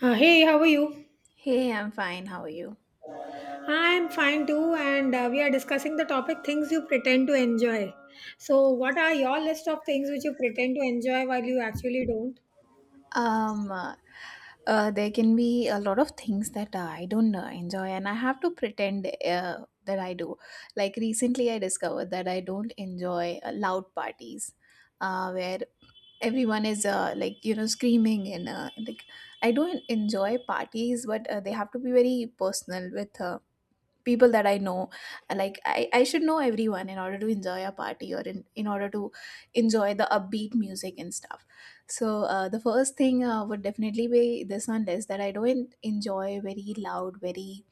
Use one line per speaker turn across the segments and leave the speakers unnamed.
Hey, how are you?
Hey, I'm fine. How are you?
I'm fine too, and we are discussing the topic things you pretend to enjoy. So, what are your list of things which you pretend to enjoy while you actually don't?
Um, uh, there can be a lot of things that I don't enjoy, and I have to pretend that I do. Like recently, I discovered that I don't enjoy loud parties, where everyone is like screaming and like I don't enjoy parties, but they have to be very personal with people that I know. Like I should know everyone in order to enjoy a party, or in order to enjoy the upbeat music and stuff. So the first thing would definitely be this on list that I don't enjoy very loud, very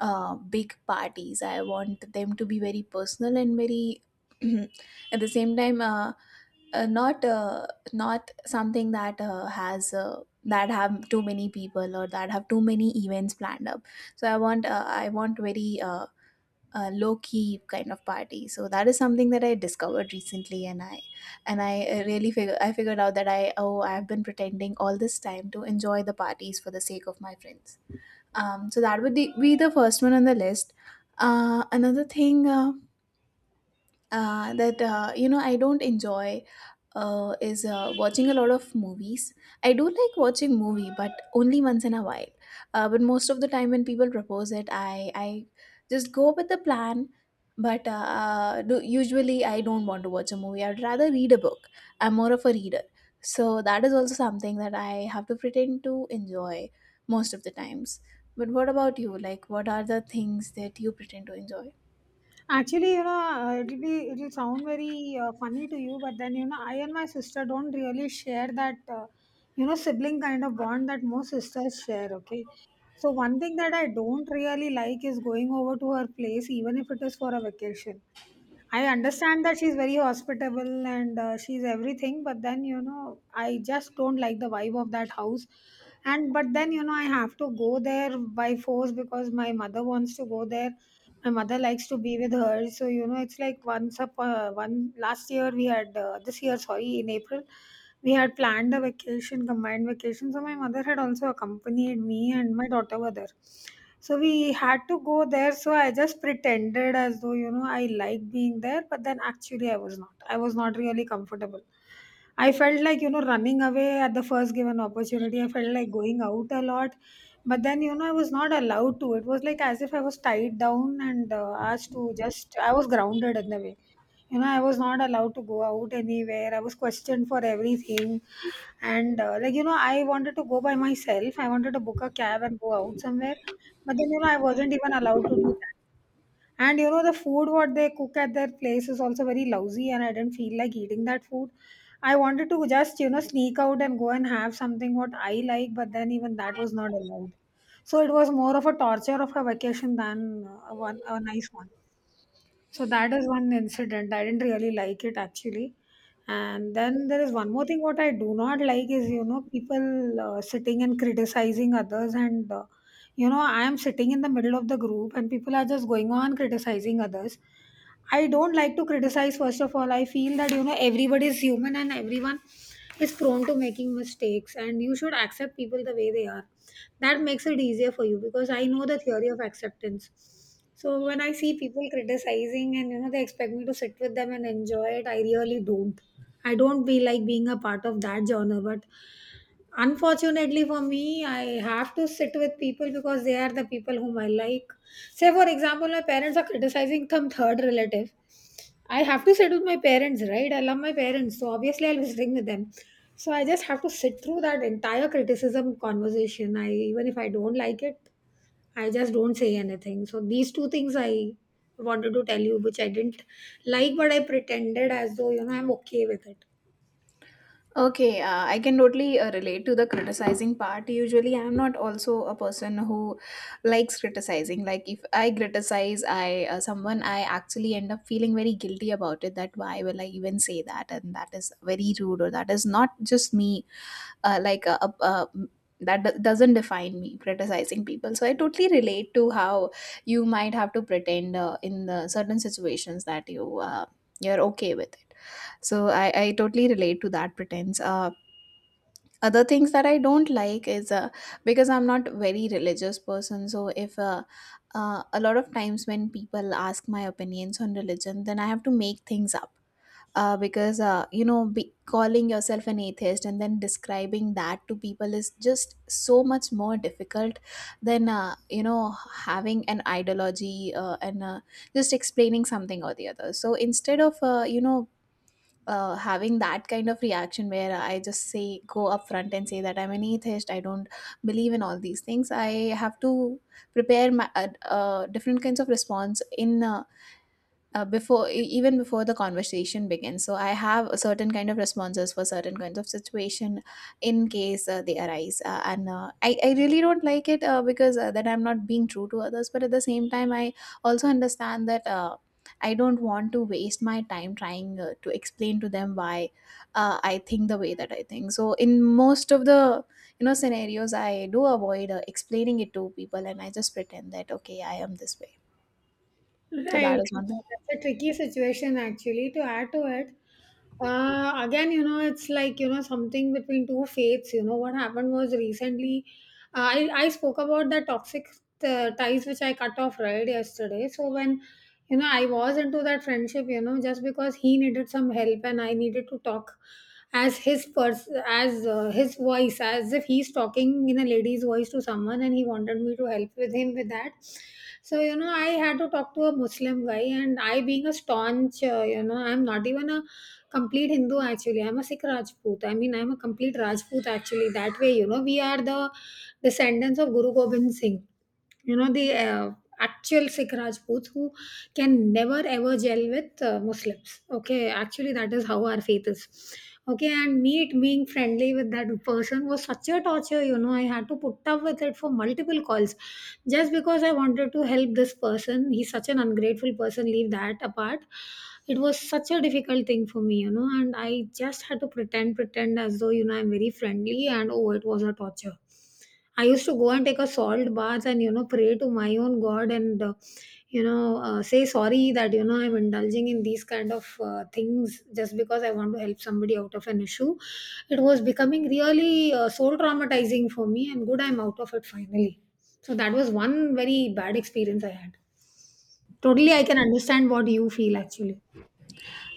big parties. I want them to be very personal and very at the same time, not not something that has that have too many people, or that have too many events planned up. So I want i want very low key kind of party. So that is something that I discovered recently, and I really figure I figured out that I've been pretending all this time to enjoy the parties for the sake of my friends. So that would be the first one on the list. Another thing. That you know I don't enjoy is watching a lot of movies. I do like watching movie, but only once in a while. But most of the time when people propose it, I just go with the plan. But usually I don't want to watch a movie. I'd rather read a book. I'm more of a reader, so that is also something that I have to pretend to enjoy most of the times. But what about you? Like, what are the things that you pretend to enjoy?
Actually, you know, it'll sound very funny to you, but then you know, I and my sister don't really share that you know sibling kind of bond that most sisters share. Okay, so one thing that I don't really like is going over to her place, even if it is for a vacation. I understand that she's very hospitable and she's everything, but then you know, I just don't like the vibe of that house. And but then you know, I have to go there by force because my mother wants to go there. My mother likes to be with her, so you know, it's like once up one last year we had this year, sorry, in April we had planned a vacation, combined vacation. So my mother had also accompanied me and my daughter were there. So we had to go there. So I just pretended as though, you know, I like being there, but then actually I was not. I was not really comfortable. I felt like, you know, running away at the first given opportunity. I felt like going out a lot. But then, you know, I was not allowed to. It was like as if I was tied down and asked to just, I was grounded in the way. You know, I was not allowed to go out anywhere. I was questioned for everything and, like, you know, I wanted to go by myself. I wanted to book a cab and go out somewhere. But then, you know, I wasn't even allowed to do that. And, you know, the food what they cook at their place is also very lousy, and I didn't feel like eating that food. I wanted to just, you know, sneak out and go and have something what I like, but then even that was not allowed. So it was more of a torture of a vacation than a nice one. So that is one incident. I didn't really like it actually. And then there is one more thing what I do not like is, you know, people sitting and criticizing others. And, you know, I am sitting in the middle of the group and people are just going on criticizing others. I don't like to criticize, first of all. I feel that, you know, everybody is human and everyone is prone to making mistakes. And you should accept people the way they are that makes it easier for you because I know the theory of acceptance so when I see people criticizing and you know they expect me to sit with them and enjoy it I really don't I don't feel like being a part of that genre but unfortunately for me I have to sit with people because they are the people whom I like say for example my parents are criticizing some third relative I have to sit with my parents right I love my parents so obviously I'll be sitting with them so I just have to sit through that entire criticism conversation I even if I don't like it I just don't say anything so these two things I wanted to tell you which I didn't like but I pretended as though you know I'm okay with it.
Okay, I can totally relate to the criticizing part. Usually, I'm not also a person who likes criticizing. Like, if I criticize I someone, I actually end up feeling very guilty about it. That why will I even say that, and that is very rude, or that is not just me uh, like a, a, that doesn't define me criticizing people. So I totally relate to how you might have to pretend in the certain situations that you're okay with it. So i totally relate to that pretense. Other things that I don't like is, because I'm not very religious person. So if a lot of times when people ask my opinions on religion, then I have to make things up, because you know be calling yourself an atheist and then describing that to people is just so much more difficult than you know having an ideology, and just explaining something or the other. So instead of you know having that kind of reaction where I just say go up front and say that I'm an atheist, I don't believe in all these things. I have to prepare my different kinds of response in before even before the conversation begins. So I have a certain kind of responses for certain kinds of situation in case they arise, and I really don't like it, because that I'm not being true to others. But at the same time I also understand that I don't want to waste my time trying to explain to them why I think the way that I think. So in most of the you know scenarios I do avoid explaining it to people, and I just pretend that okay I am this way. So that
Right.
is one thing.
That's a tricky situation actually to add to it. Again, you know, it's like, you know, something between two fates. You know, what happened was recently, I spoke about the toxic ties which I cut off right yesterday. So when, you know, I was into that friendship, you know, just because he needed some help and I needed to talk as his voice, as if he's talking in a lady's voice to someone and he wanted me to help with him with that so, you know, I had to talk to a Muslim guy, and I, being a staunch, you know, I'm not even a complete Hindu actually. I'm a Sikh Rajput. I mean, I'm a complete Rajput actually. That way, you know, we are the descendants of Guru Gobind Singh you know the actual sikh rajputs who can never ever gel with muslims okay actually that is how our faith is okay and me it being friendly with that person was such a torture you know I had to put up with it for multiple calls just because I wanted to help this person he's such an ungrateful person leave that apart it was such a difficult thing for me you know and I just had to pretend as though you know I'm very friendly and oh it was a torture. I used to go and take a salt bath and you know pray to my own God and you know say sorry that you know I'm indulging in these kind of things just because I want to help somebody out of an issue. It was becoming really soul traumatizing for me, and good I'm out of it finally. So that was one very bad experience I had. Totally, I can understand what you feel actually.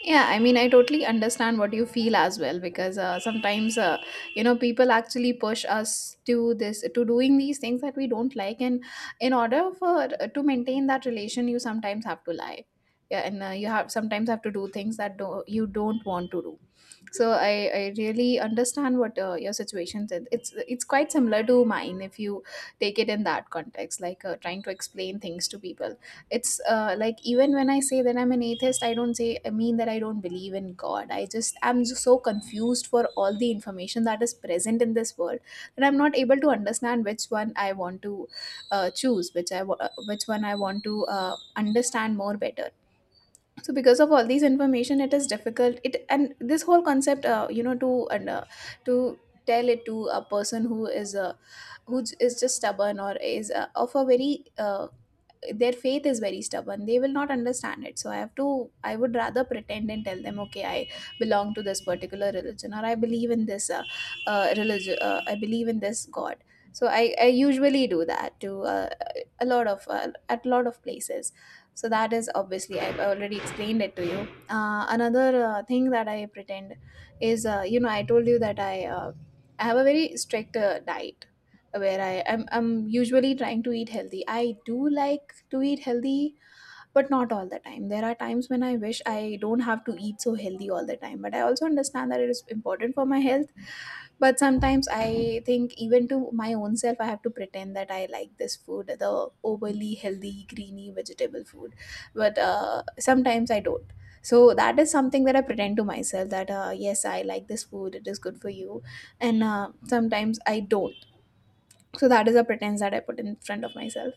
Yeah, I mean, I totally understand what you feel as well, because sometimes, you know, people actually push us to this, to doing these things that we don't like, and in order for to maintain that relation, you sometimes have to lie, yeah, and you have sometimes have to do things that you don't want to do. So i really understand what your situation is. It's quite similar to mine if you take it in that context, like trying to explain things to people. It's like even when I say that I'm an atheist, I don't say I mean that I don't believe in god. I'm just so confused for all the information that is present in this world, that I'm not able to understand which one I want to choose, which which one I want to understand more better. So because of all these information it is difficult. It and This whole concept, you know, to and to tell it to a person who is who is just stubborn, or is of a very their faith is very stubborn, they will not understand it. So I have to I would rather pretend and tell them okay I belong to this particular religion, or I believe in this religion, I believe in this god. So I usually do that to a lot of at a lot of places. So that is obviously I've already explained it to you. Another thing that I pretend is, you know I told you that I have a very strict diet where I'm usually trying to eat healthy. I do like to eat healthy, but not all the time. There are times when I wish I don't have to eat so healthy all the time, but I also understand that it is important for my health. But sometimes I think even to my own self I have to pretend that I like this food, the overly healthy greeny vegetable food. But sometimes I don't. So that is something that I pretend to myself, that yes I like this food, it is good for you. And sometimes I don't. So that is a pretense that I put in front of myself.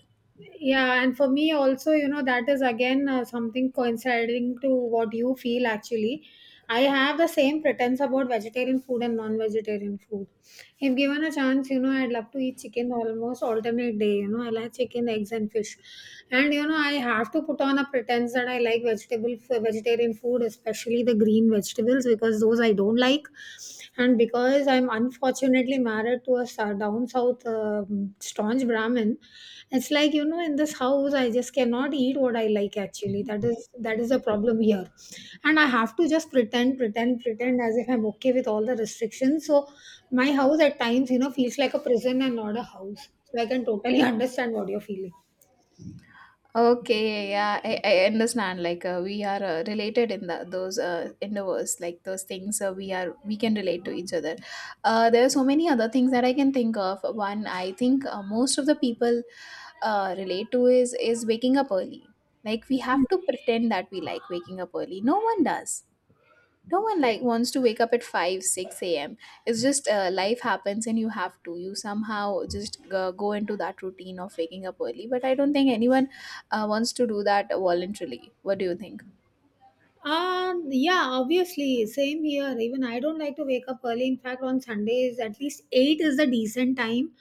Yeah, and for me also you know that is again something coinciding to what you feel actually I have the same pretense about vegetarian food and non-vegetarian food if given a chance you know I'd love to eat chicken almost alternate day you know I like chicken eggs and fish and you know I have to put on a pretense that I like vegetable vegetarian food especially the green vegetables because those I don't like and because I'm unfortunately married to a down south staunch brahmin. It's like, you know, in this house, I just cannot eat what I like actually. That is the problem here. And I have to just pretend as if I'm okay with all the restrictions. So my house at times, you know, feels like a prison and not a house. So I can totally understand what you're feeling.
Okay, yeah, I understand. Like we are related in the, those endeavors, like those things we are we can relate to each other. There are so many other things that I can think of. One, I think most of the people relate to is waking up early. Like we
Hmm.
have to pretend that we like waking up early. No one does, no one like wants to wake up at 5 6 a.m. It's just life happens, and you have to you somehow just go into that routine of waking up early. But I don't think anyone wants to do that voluntarily. What do you think?
Yeah, obviously, same here. Even I don't like to wake up early. In fact, on Sundays, at least 8 is the decent time.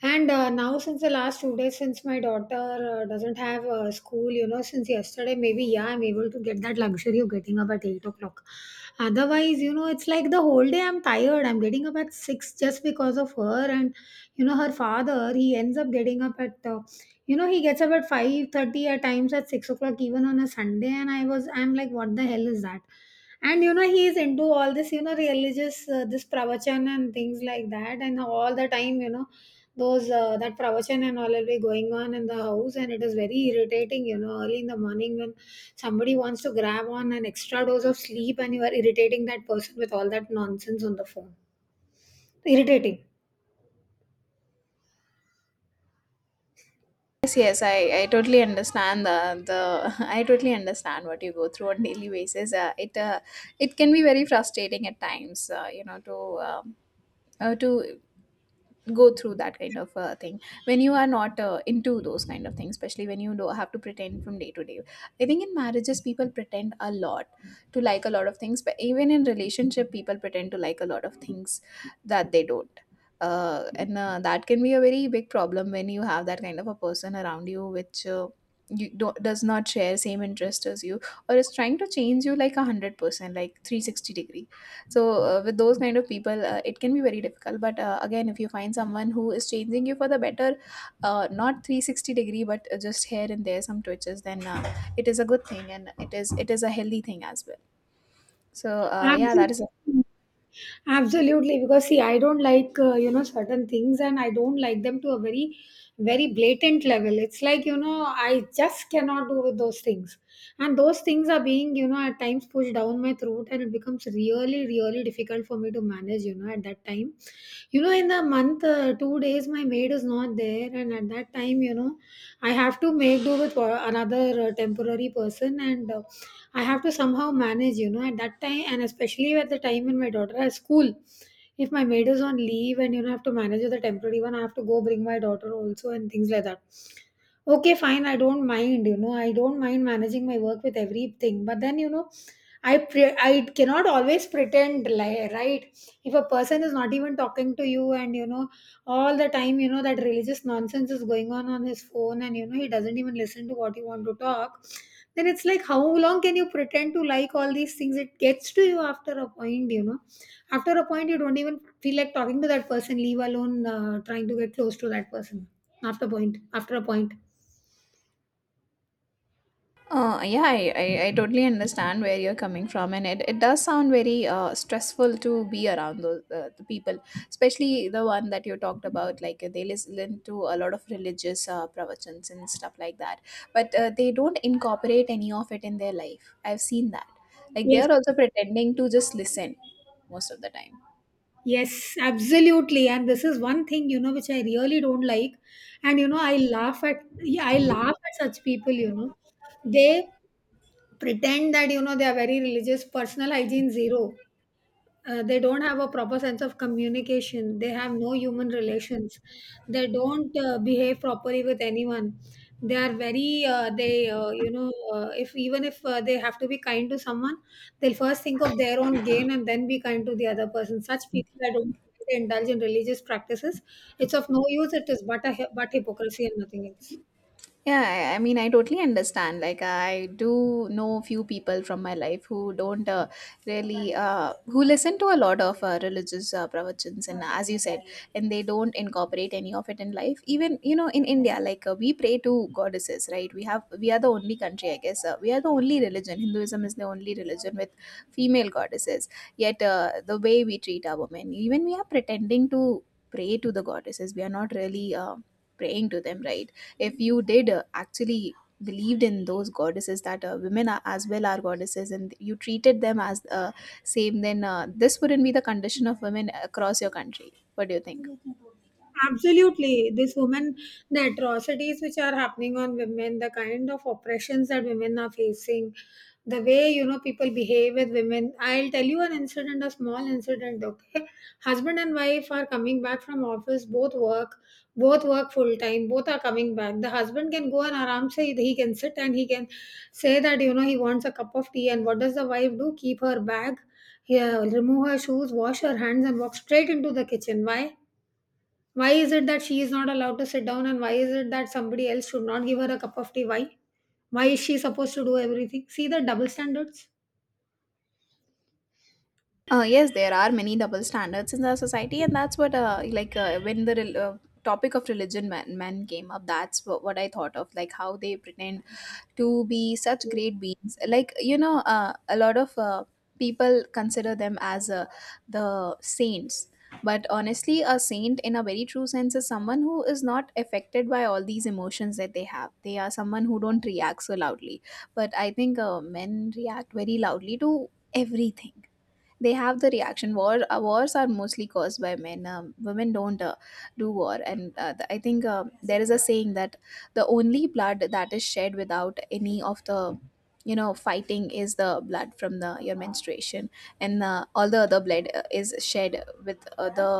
And now, since the last 2 days, since my daughter doesn't have school, you know, since yesterday, maybe, yeah, I'm able to get that luxury of getting up at 8 o'clock. Otherwise, you know, it's like the whole day I'm tired. I'm getting up at 6 just because of her. And, you know, her father, he ends up getting up at you know, he gets up at 5:30 at times at 6 o'clock even on a Sunday, and I'm like, what the hell is that? And you know, he is into all this, you know, religious this pravachan and things like that, and all the time, you know, those that pravachan and all will be going on in the house, and it is very irritating, you know, early in the morning when somebody wants to grab on an extra dose of sleep, and you are irritating that person with all that nonsense on the phone. Irritating.
Yes, yes, I totally understand the I totally understand what you go through on daily basis. It can be very frustrating at times, you know, um to go through that kind of thing when you are not into those kind of things, especially when you do have to pretend from day to day. I think in marriages people pretend a lot to like a lot of things, but even in relationship people pretend to like a lot of things that they don't. And That can be a very big problem when you have that kind of a person around you which you don't, does not share same interest as you, or is trying to change you like 100%, like 360 degree. So with those kind of people it can be very difficult. But again, if you find someone who is changing you for the better, not 360 degree, but just here and there some twitches, then it is a good thing, and it is a healthy thing as well. So yeah, that is.
Absolutely. Absolutely, because see, I don't like you know certain things, and I don't like them to a very, very blatant level. It's like you know I just cannot do with those things, and those things are being you know at times pushed down my throat, and it becomes really, really difficult for me to manage. At that time, in the month, 2 days my maid is not there, and at that time, I have to make do with another temporary person, and I have to somehow manage, at that time, and especially at the time when my daughter has school. If my maid is on leave and I have to manage with the temporary one, I have to go bring my daughter also, and things like that. Okay, fine, I don't mind, I don't mind managing my work with everything, but then, I cannot always pretend, like, right? If a person is not even talking to you, and all the time that religious nonsense is going on his phone, and he doesn't even listen to what you want to talk, then it's like, how long can you pretend to like all these things? It gets to you after a point, after a point you don't even feel like talking to that person, leave alone trying to get close to that person. After a point.
Yeah, I totally understand where you're coming from, and it does sound very stressful to be around those the people, especially the one that you talked about. Like they listen to a lot of religious pravachans and stuff like that, but they don't incorporate any of it in their life. I've seen that. Like they
Yes.
are also pretending to just listen most of the time.
Yes, absolutely. And this is one thing, which I really don't like. And, I laugh at, yeah, I laugh at such people, They pretend that, they are very religious. Personal hygiene zero. They don't have a proper sense of communication, they have no human relations, they don't behave properly with anyone. They are very they you know if even if they have to be kind to someone, they'll first think of their own gain and then be kind to the other person. Such people, I don't think they indulge in religious practices. It's of no use. It is but a but hypocrisy, and nothing else.
Yeah, I mean, I totally understand. Like, I do know few people from my life who don't really who listen to a lot of religious pravachans, and as you said, and they don't incorporate any of it in life. Even you know, in India, like we pray to goddesses, right? We are the only country, I guess. We are the only religion. Hinduism is the only religion with female goddesses. Yet, the way we treat our women, even we are pretending to pray to the goddesses. We are not really. Praying to them, right? If you did actually believed in those goddesses, that women are as well are goddesses, and you treated them as same, then this wouldn't be the condition of women across your country. What do you think?
Absolutely. This woman, the atrocities which are happening on women, the kind of oppressions that women are facing, the way people behave with women. I'll tell you an incident, a small incident. Okay, husband and wife are coming back from office. Both work full time. Both are coming back. The husband can go and aram se, he can sit and he can say that he wants a cup of tea. And what does the wife do? Keep her bag, yeah, remove her shoes, wash her hands, and walk straight into the kitchen. Why? Why is it that she is not allowed to sit down, and why is it that somebody else should not give her a cup of tea? Why? Why is she supposed to do everything? See the double standards?
Yes, there are many double standards in our society, and that's what, like when the topic of religion, man men came up. That's what I thought of, like how they pretend to be such great beings, like you know, a lot of people consider them as the saints. But honestly, a saint in a very true sense is someone who is not affected by all these emotions that they have. They are someone who don't react so loudly. But I think men react very loudly to everything. They have the reaction. Wars are mostly caused by men. Women don't do war. And I think there is a saying that the only blood that is shed without any of the, you know, fighting is the blood from the your menstruation. And all the other blood is shed with the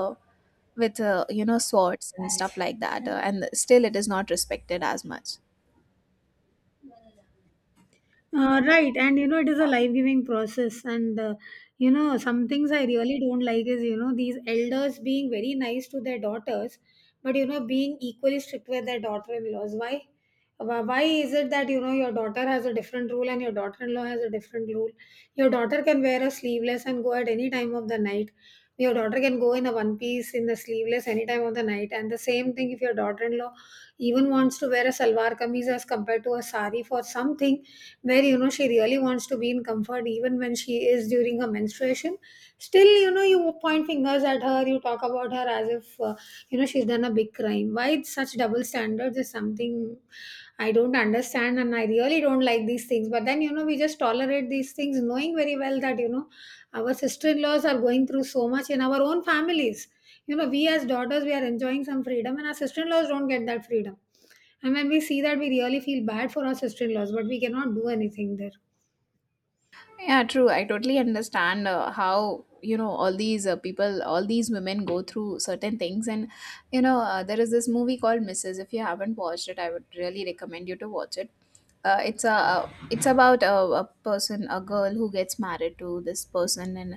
with you know, swords and stuff like that. And still it is not respected as much.
Right, and it is a life giving process, and some things I really don't like is, these elders being very nice to their daughters, but being equally strict with their daughter in laws. Why? Why is it that your daughter has a different rule and your daughter in law has a different rule? Your daughter can wear a sleeveless and go at any time of the night. Your daughter can go in a one piece in the sleeveless any time of the night. And the same thing, if your daughter in law even wants to wear a salwar kameez as compared to a sari for something where she really wants to be in comfort even when she is during her menstruation, still you point fingers at her, you talk about her as if she's done a big crime. Why it's such double standards is something I don't understand, and I really don't like these things. But then, we just tolerate these things, knowing very well that our sister-in-laws are going through so much in our own families. You know, we as daughters, we are enjoying some freedom, and our sister-in-laws don't get that freedom. And when we see that, we really feel bad for our sister in laws, but we cannot do anything there.
Yeah, true. I totally understand how, you know, all these people, all these women go through certain things. And you know, there is this movie called Mrs. If you haven't watched it, I would really recommend you to watch it. It's about a person, a girl who gets married to this person, and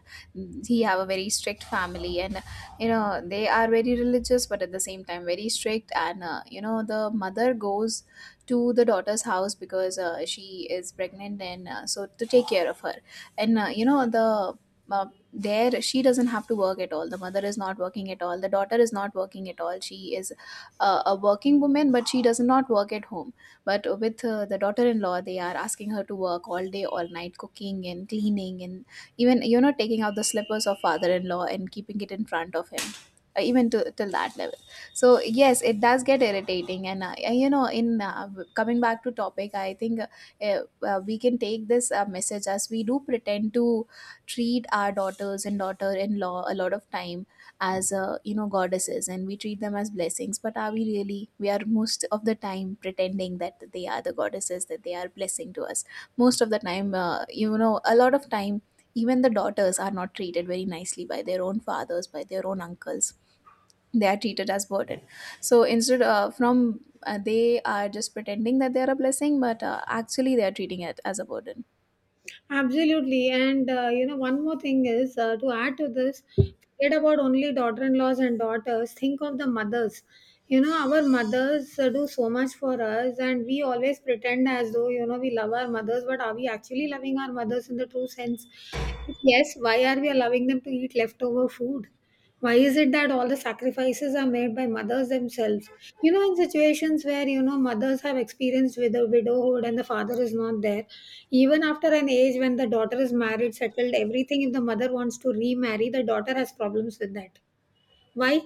he have a very strict family. And you know, they are very religious, but at the same time very strict. And you know, the mother goes to the daughter's house because she is pregnant, and so to take care of her. And you know, uh, there she doesn't have to work at all. The mother is not working at all. The daughter is not working at all. She is a working woman, but she does not work at home. But with the daughter-in-law, they are asking her to work all day, all night, cooking and cleaning, and even, you know, taking out the slippers of father-in-law and keeping it in front of him, even to till that level. So yes, it does get irritating. And you know, in coming back to topic, I think eh, we can take this message as, we do pretend to treat our daughters and daughter-in-law a lot of time as, you know, goddesses, and we treat them as blessings. But are we really? We are most of the time pretending that they are the goddesses, that they are blessing to us. Most of the time, you know, a lot of time, even the daughters are not treated very nicely by their own fathers, by their own uncles. They are treated as burden. So instead, from they are just pretending that they are a blessing, but actually they are treating it as a burden.
Absolutely. And, one more thing is, to add to this, forget about only daughter in laws and daughters, think of the mothers. Our mothers do so much for us, and we always pretend as though, we love our mothers. But are we actually loving our mothers in the true sense? If yes, why are we allowing them to eat leftover food? Why is it that all the sacrifices are made by mothers themselves? You know, in situations where mothers have experienced with a widowhood and the father is not there, even after an age when the daughter is married, settled, everything, if the mother wants to remarry, the daughter has problems with that. Why?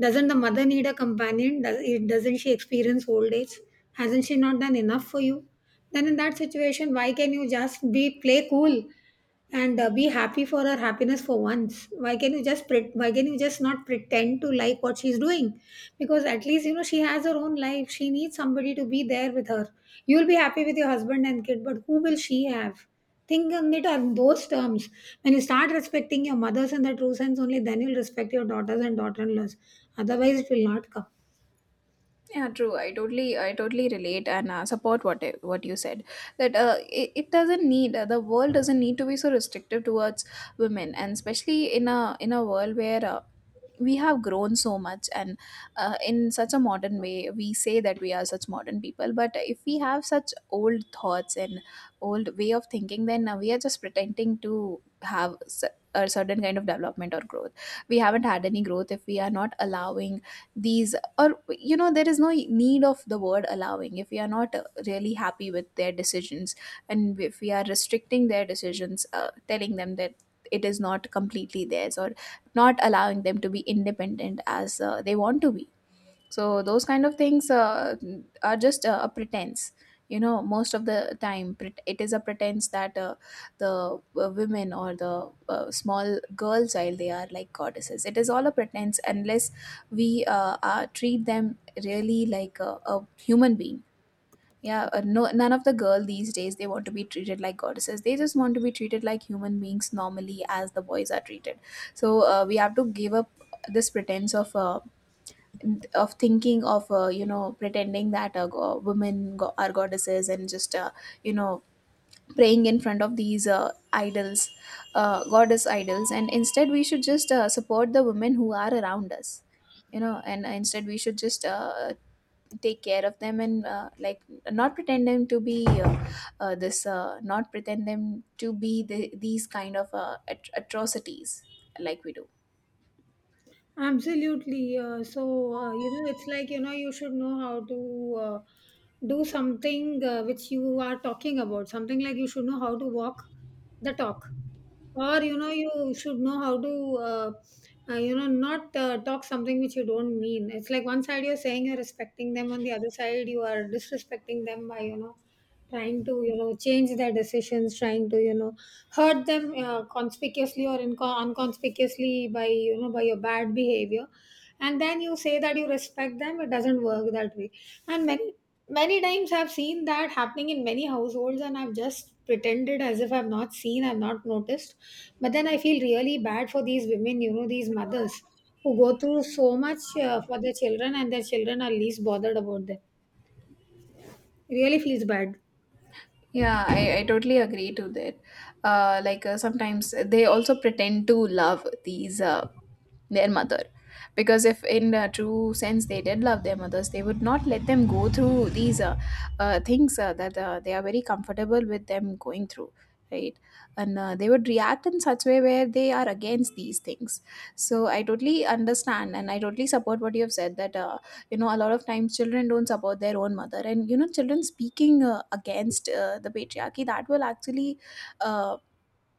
Doesn't the mother need a companion? Does it, doesn't she experience old age? Hasn't she not done enough for you? Then in that situation, why can you just be, play cool and be happy for her happiness for once? Why can you just pret why can you just not pretend to like what she's doing? Because at least she has her own life. She needs somebody to be there with her. You'll be happy with your husband and kid, but who will she have? Think on it on those terms. When you start respecting your mothers in the true sense, only then you'll respect your daughters and daughter-in-laws. Otherwise, it will not come.
Yeah, true. I totally, I totally relate and support what you said, that it doesn't need the world doesn't need to be so restrictive towards women, and especially in a world where we have grown so much, and in such a modern way. We say that we are such modern people, but if we have such old thoughts and old way of thinking, then we are just pretending to a certain kind of development or growth. We haven't had any growth if we are not allowing these, or you know, there is no need of the word allowing, if we are not really happy with their decisions, and if we are restricting their decisions, telling them that it is not completely theirs, or not allowing them to be independent as they want to be. So those kind of things are just a pretense. You know, most of the time, it is a pretense that, the women or the, small girl child, they are like goddesses. It is all a pretense unless we treat them really like a human being. Yeah, no, none of the girl these days, they want to be treated like goddesses. They just want to be treated like human beings normally, as the boys are treated. So we have to give up this pretense of thinking of, you know, pretending that, women are goddesses, and just you know, praying in front of these idols, goddess idols, and instead we should just support the women who are around us. You know, and instead we should just take care of them, and like not pretend them to be this not pretend them to be the, these kind of atrocities like we do.
Absolutely. So, it's like, you should know how to do something which you are talking about. Something like, you should know how to walk the talk. Or you should know how to not talk something which you don't mean. It's like, one side you're saying you're respecting them, on the other side you are disrespecting them by trying to change their decisions, trying to hurt them conspicuously or unconspicuously by by your bad behavior, and then you say that you respect them. It doesn't work that way. And many, many times I've seen that happening in many households, and I've just pretended as if I've not seen, I've not noticed. But then I feel really bad for these women, these mothers who go through so much for their children, and their children are least bothered about them. It really feels bad.
Yeah, I, totally agree to that. Like sometimes they also pretend to love these their mother, because if in a true sense they did love their mothers, they would not let them go through these things that they are very comfortable with them going through, right? And they would react in such way where they are against these things. So I totally understand, and I totally support what you have said, that you know, a lot of times children don't support their own mother, and you know, children speaking against the patriarchy, that will actually uh,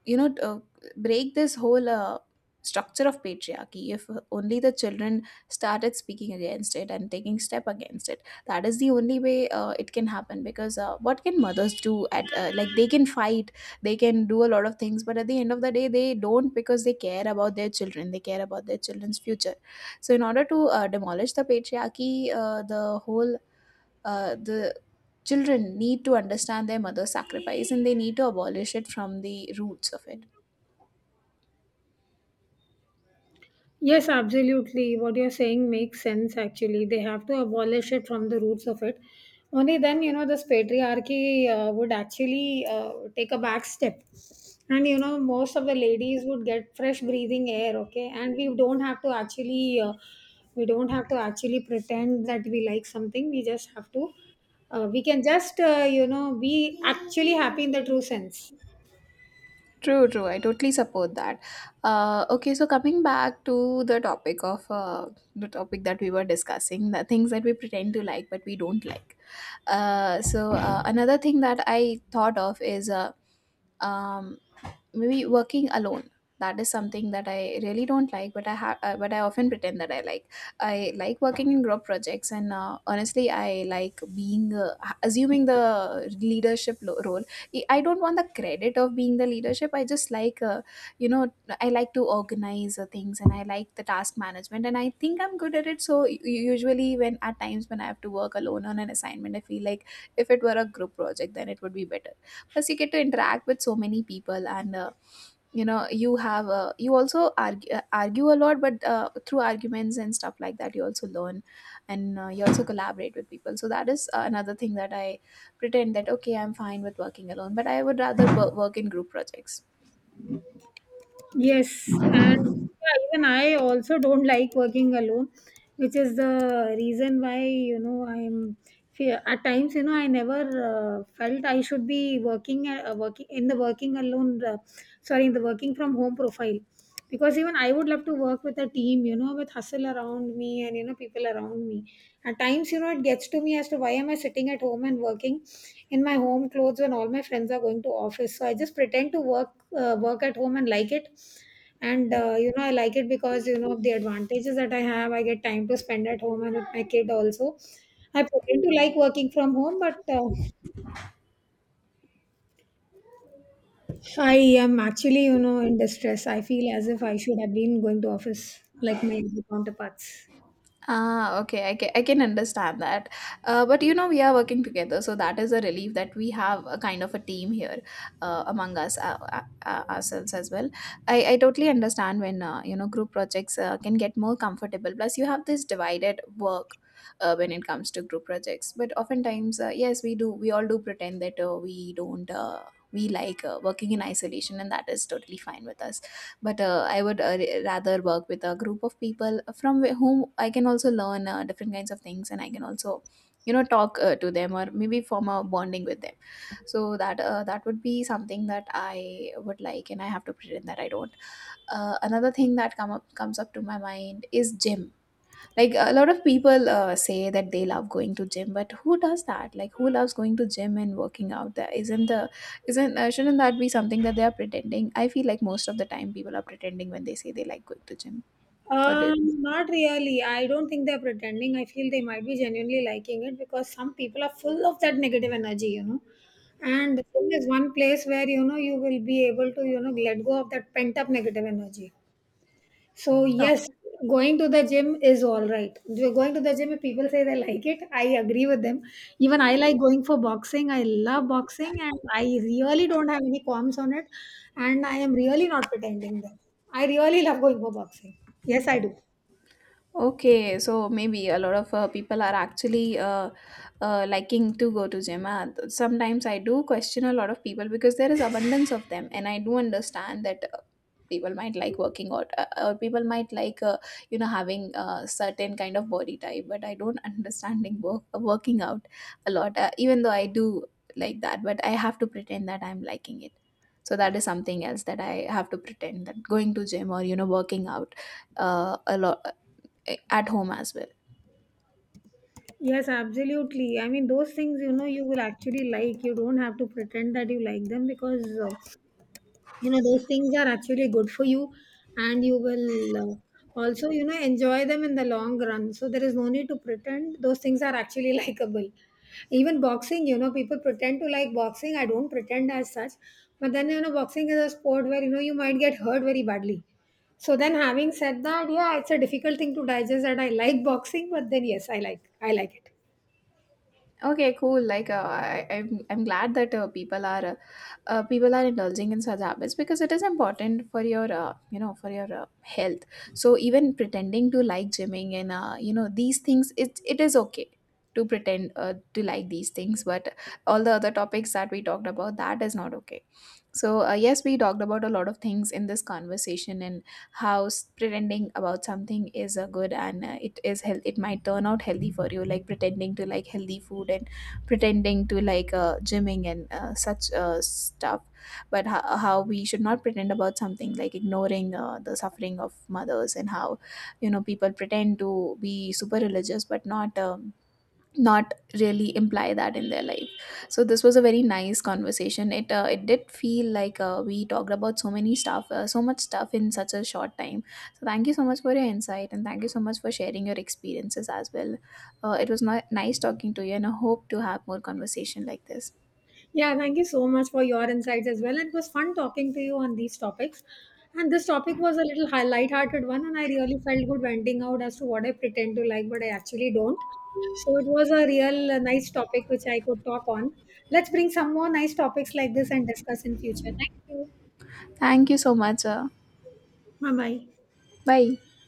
you know, break this whole structure of patriarchy, if only the children started speaking against it, and taking step against it. That is the only way it can happen, because what can mothers do at like, they can fight, they can do a lot of things, but at the end of the day they don't, because they care about their children, they care about their children's future. So in order to demolish the patriarchy, the whole the children need to understand their mother's sacrifice, and they need to abolish it from the roots of it.
Yes, absolutely. What you're saying makes sense actually. They have to abolish it from the roots of it. Only then, this patriarchy would actually take a back step. And, most of the ladies would get fresh breathing air, okay? And we don't have to actually, we don't have to actually pretend that we like something. We just have to, we can just, be actually happy in the true sense.
True, true. I totally support that. Okay, so coming back to the topic of, the topic that we were discussing, the things that we pretend to like but we don't like. So another thing that I thought of is um, maybe working alone. That is something that I really don't like, but I have but I often pretend that I like, I like working in group projects. And honestly I like being assuming the role. I don't want the credit of being the leadership. I just like, you know, I like to organize things, and I like the task management, and I think I'm good at it. So usually, when at times when I have to work alone on an assignment, I feel like if it were a group project, then it would be better. Plus you get to interact with so many people, and you know, you have a, you also argue a lot. But through arguments and stuff like that, you also learn, and you also collaborate with people. So that is another thing that I pretend, that okay, I'm fine with working alone, but I would rather work in group projects.
Yes, and yeah, even I also don't like working alone, which is the reason why, I'm at times, I never felt I should be working alone, sorry, in the working from home profile. Because even I would love to work with a team, with hustle around me, and, people around me. At times, it gets to me as to why am I sitting at home and working in my home clothes when all my friends are going to office. So I just pretend to work work at home and like it. And I like it because of the advantages that I have. I get time to spend at home and with my kid also. I pretend to like working from home, but I am actually, in distress. I feel as if I should have been going to office like my other counterparts.
Ah, okay. I can understand that. But you know, we are working together, so that is a relief, that we have a kind of a team here among us, ourselves as well. I totally understand when, you know, group projects can get more comfortable. Plus, you have this divided work. When it comes to group projects, but oftentimes yes, we all do pretend that we don't we like working in isolation, and that is totally fine with us. But I would rather work with a group of people from whom I can also learn different kinds of things, and I can also, you know, talk to them, or maybe form a bonding with them. So that that would be something that I would like, and I have to pretend that I don't. Another thing that comes up to my mind is gym. Like a lot of people say that they love going to gym, but who does that? Like, who loves going to gym and working out? That isn't the, isn't shouldn't that be something that they are pretending? I feel like most of the time people are pretending when they say they like going to gym, or do you
um,
think?
Not really. I don't think they're pretending. I feel they might be genuinely liking it because some people are full of that negative energy, And the film is one place where you will be able to, let go of that pent up negative energy. So
Oh,
yes, going to the gym is all right. Going to the gym, if people say they like it, I agree with them. Even I like going for boxing. I love boxing, and I really don't have any qualms on it. And I am really not pretending them. I really love going for boxing. Yes, I do.
okay, so maybe a lot of people are actually liking to go to gym. Sometimes I do question a lot of people, because there is abundance of them, and I do understand that people might like working out, or people might like you know, having a certain kind of body type. But I don't understanding working out a lot, even though I do like that, but I have to pretend that I'm liking it. So that is something else that I have to pretend, that going to gym, or you know, working out a lot, at home as well.
Yes, absolutely. I mean, those things, you will actually like. You don't have to pretend that you like them, because those things are actually good for you, and you will also enjoy them in the long run. So there is no need to pretend. Those things are actually likable. Even boxing, people pretend to like boxing. I don't pretend as such. But then, boxing is a sport where you might get hurt very badly. So then, having said that, yeah, it's a difficult thing to digest that I like boxing, but then yes, I like it.
Okay, cool. Like I, I'm glad that people are indulging in such habits, because it is important for your you know, for your health. So even pretending to like gymming, and you know, these things, it is okay to pretend to like these things, but all the other topics that we talked about, that is not okay. So yes, we talked about a lot of things in this conversation, and how pretending about something is good, and it is health, it might turn out healthy for you, like pretending to like healthy food, and pretending to like gymming and such stuff. But how we should not pretend about something, like ignoring the suffering of mothers, and how, you know, people pretend to be super religious, but not, not really imply that in their life. So this was a very nice conversation. It it did feel like we talked about so many stuff, so much stuff in such a short time. So thank you so much for your insight, and thank you so much for sharing your experiences as well. It was not nice talking to you, and I hope to have more conversation like this.
Yeah, thank you so much for your insights as well. It was fun talking to you on these topics. And this topic was a little light-hearted one, and I really felt good venting out as to what I pretend to like, but I actually don't. So it was a real nice topic which I could talk on. Let's bring some more nice topics like this and discuss in future. Thank you.
Thank you so much.
Bye-bye.
Bye.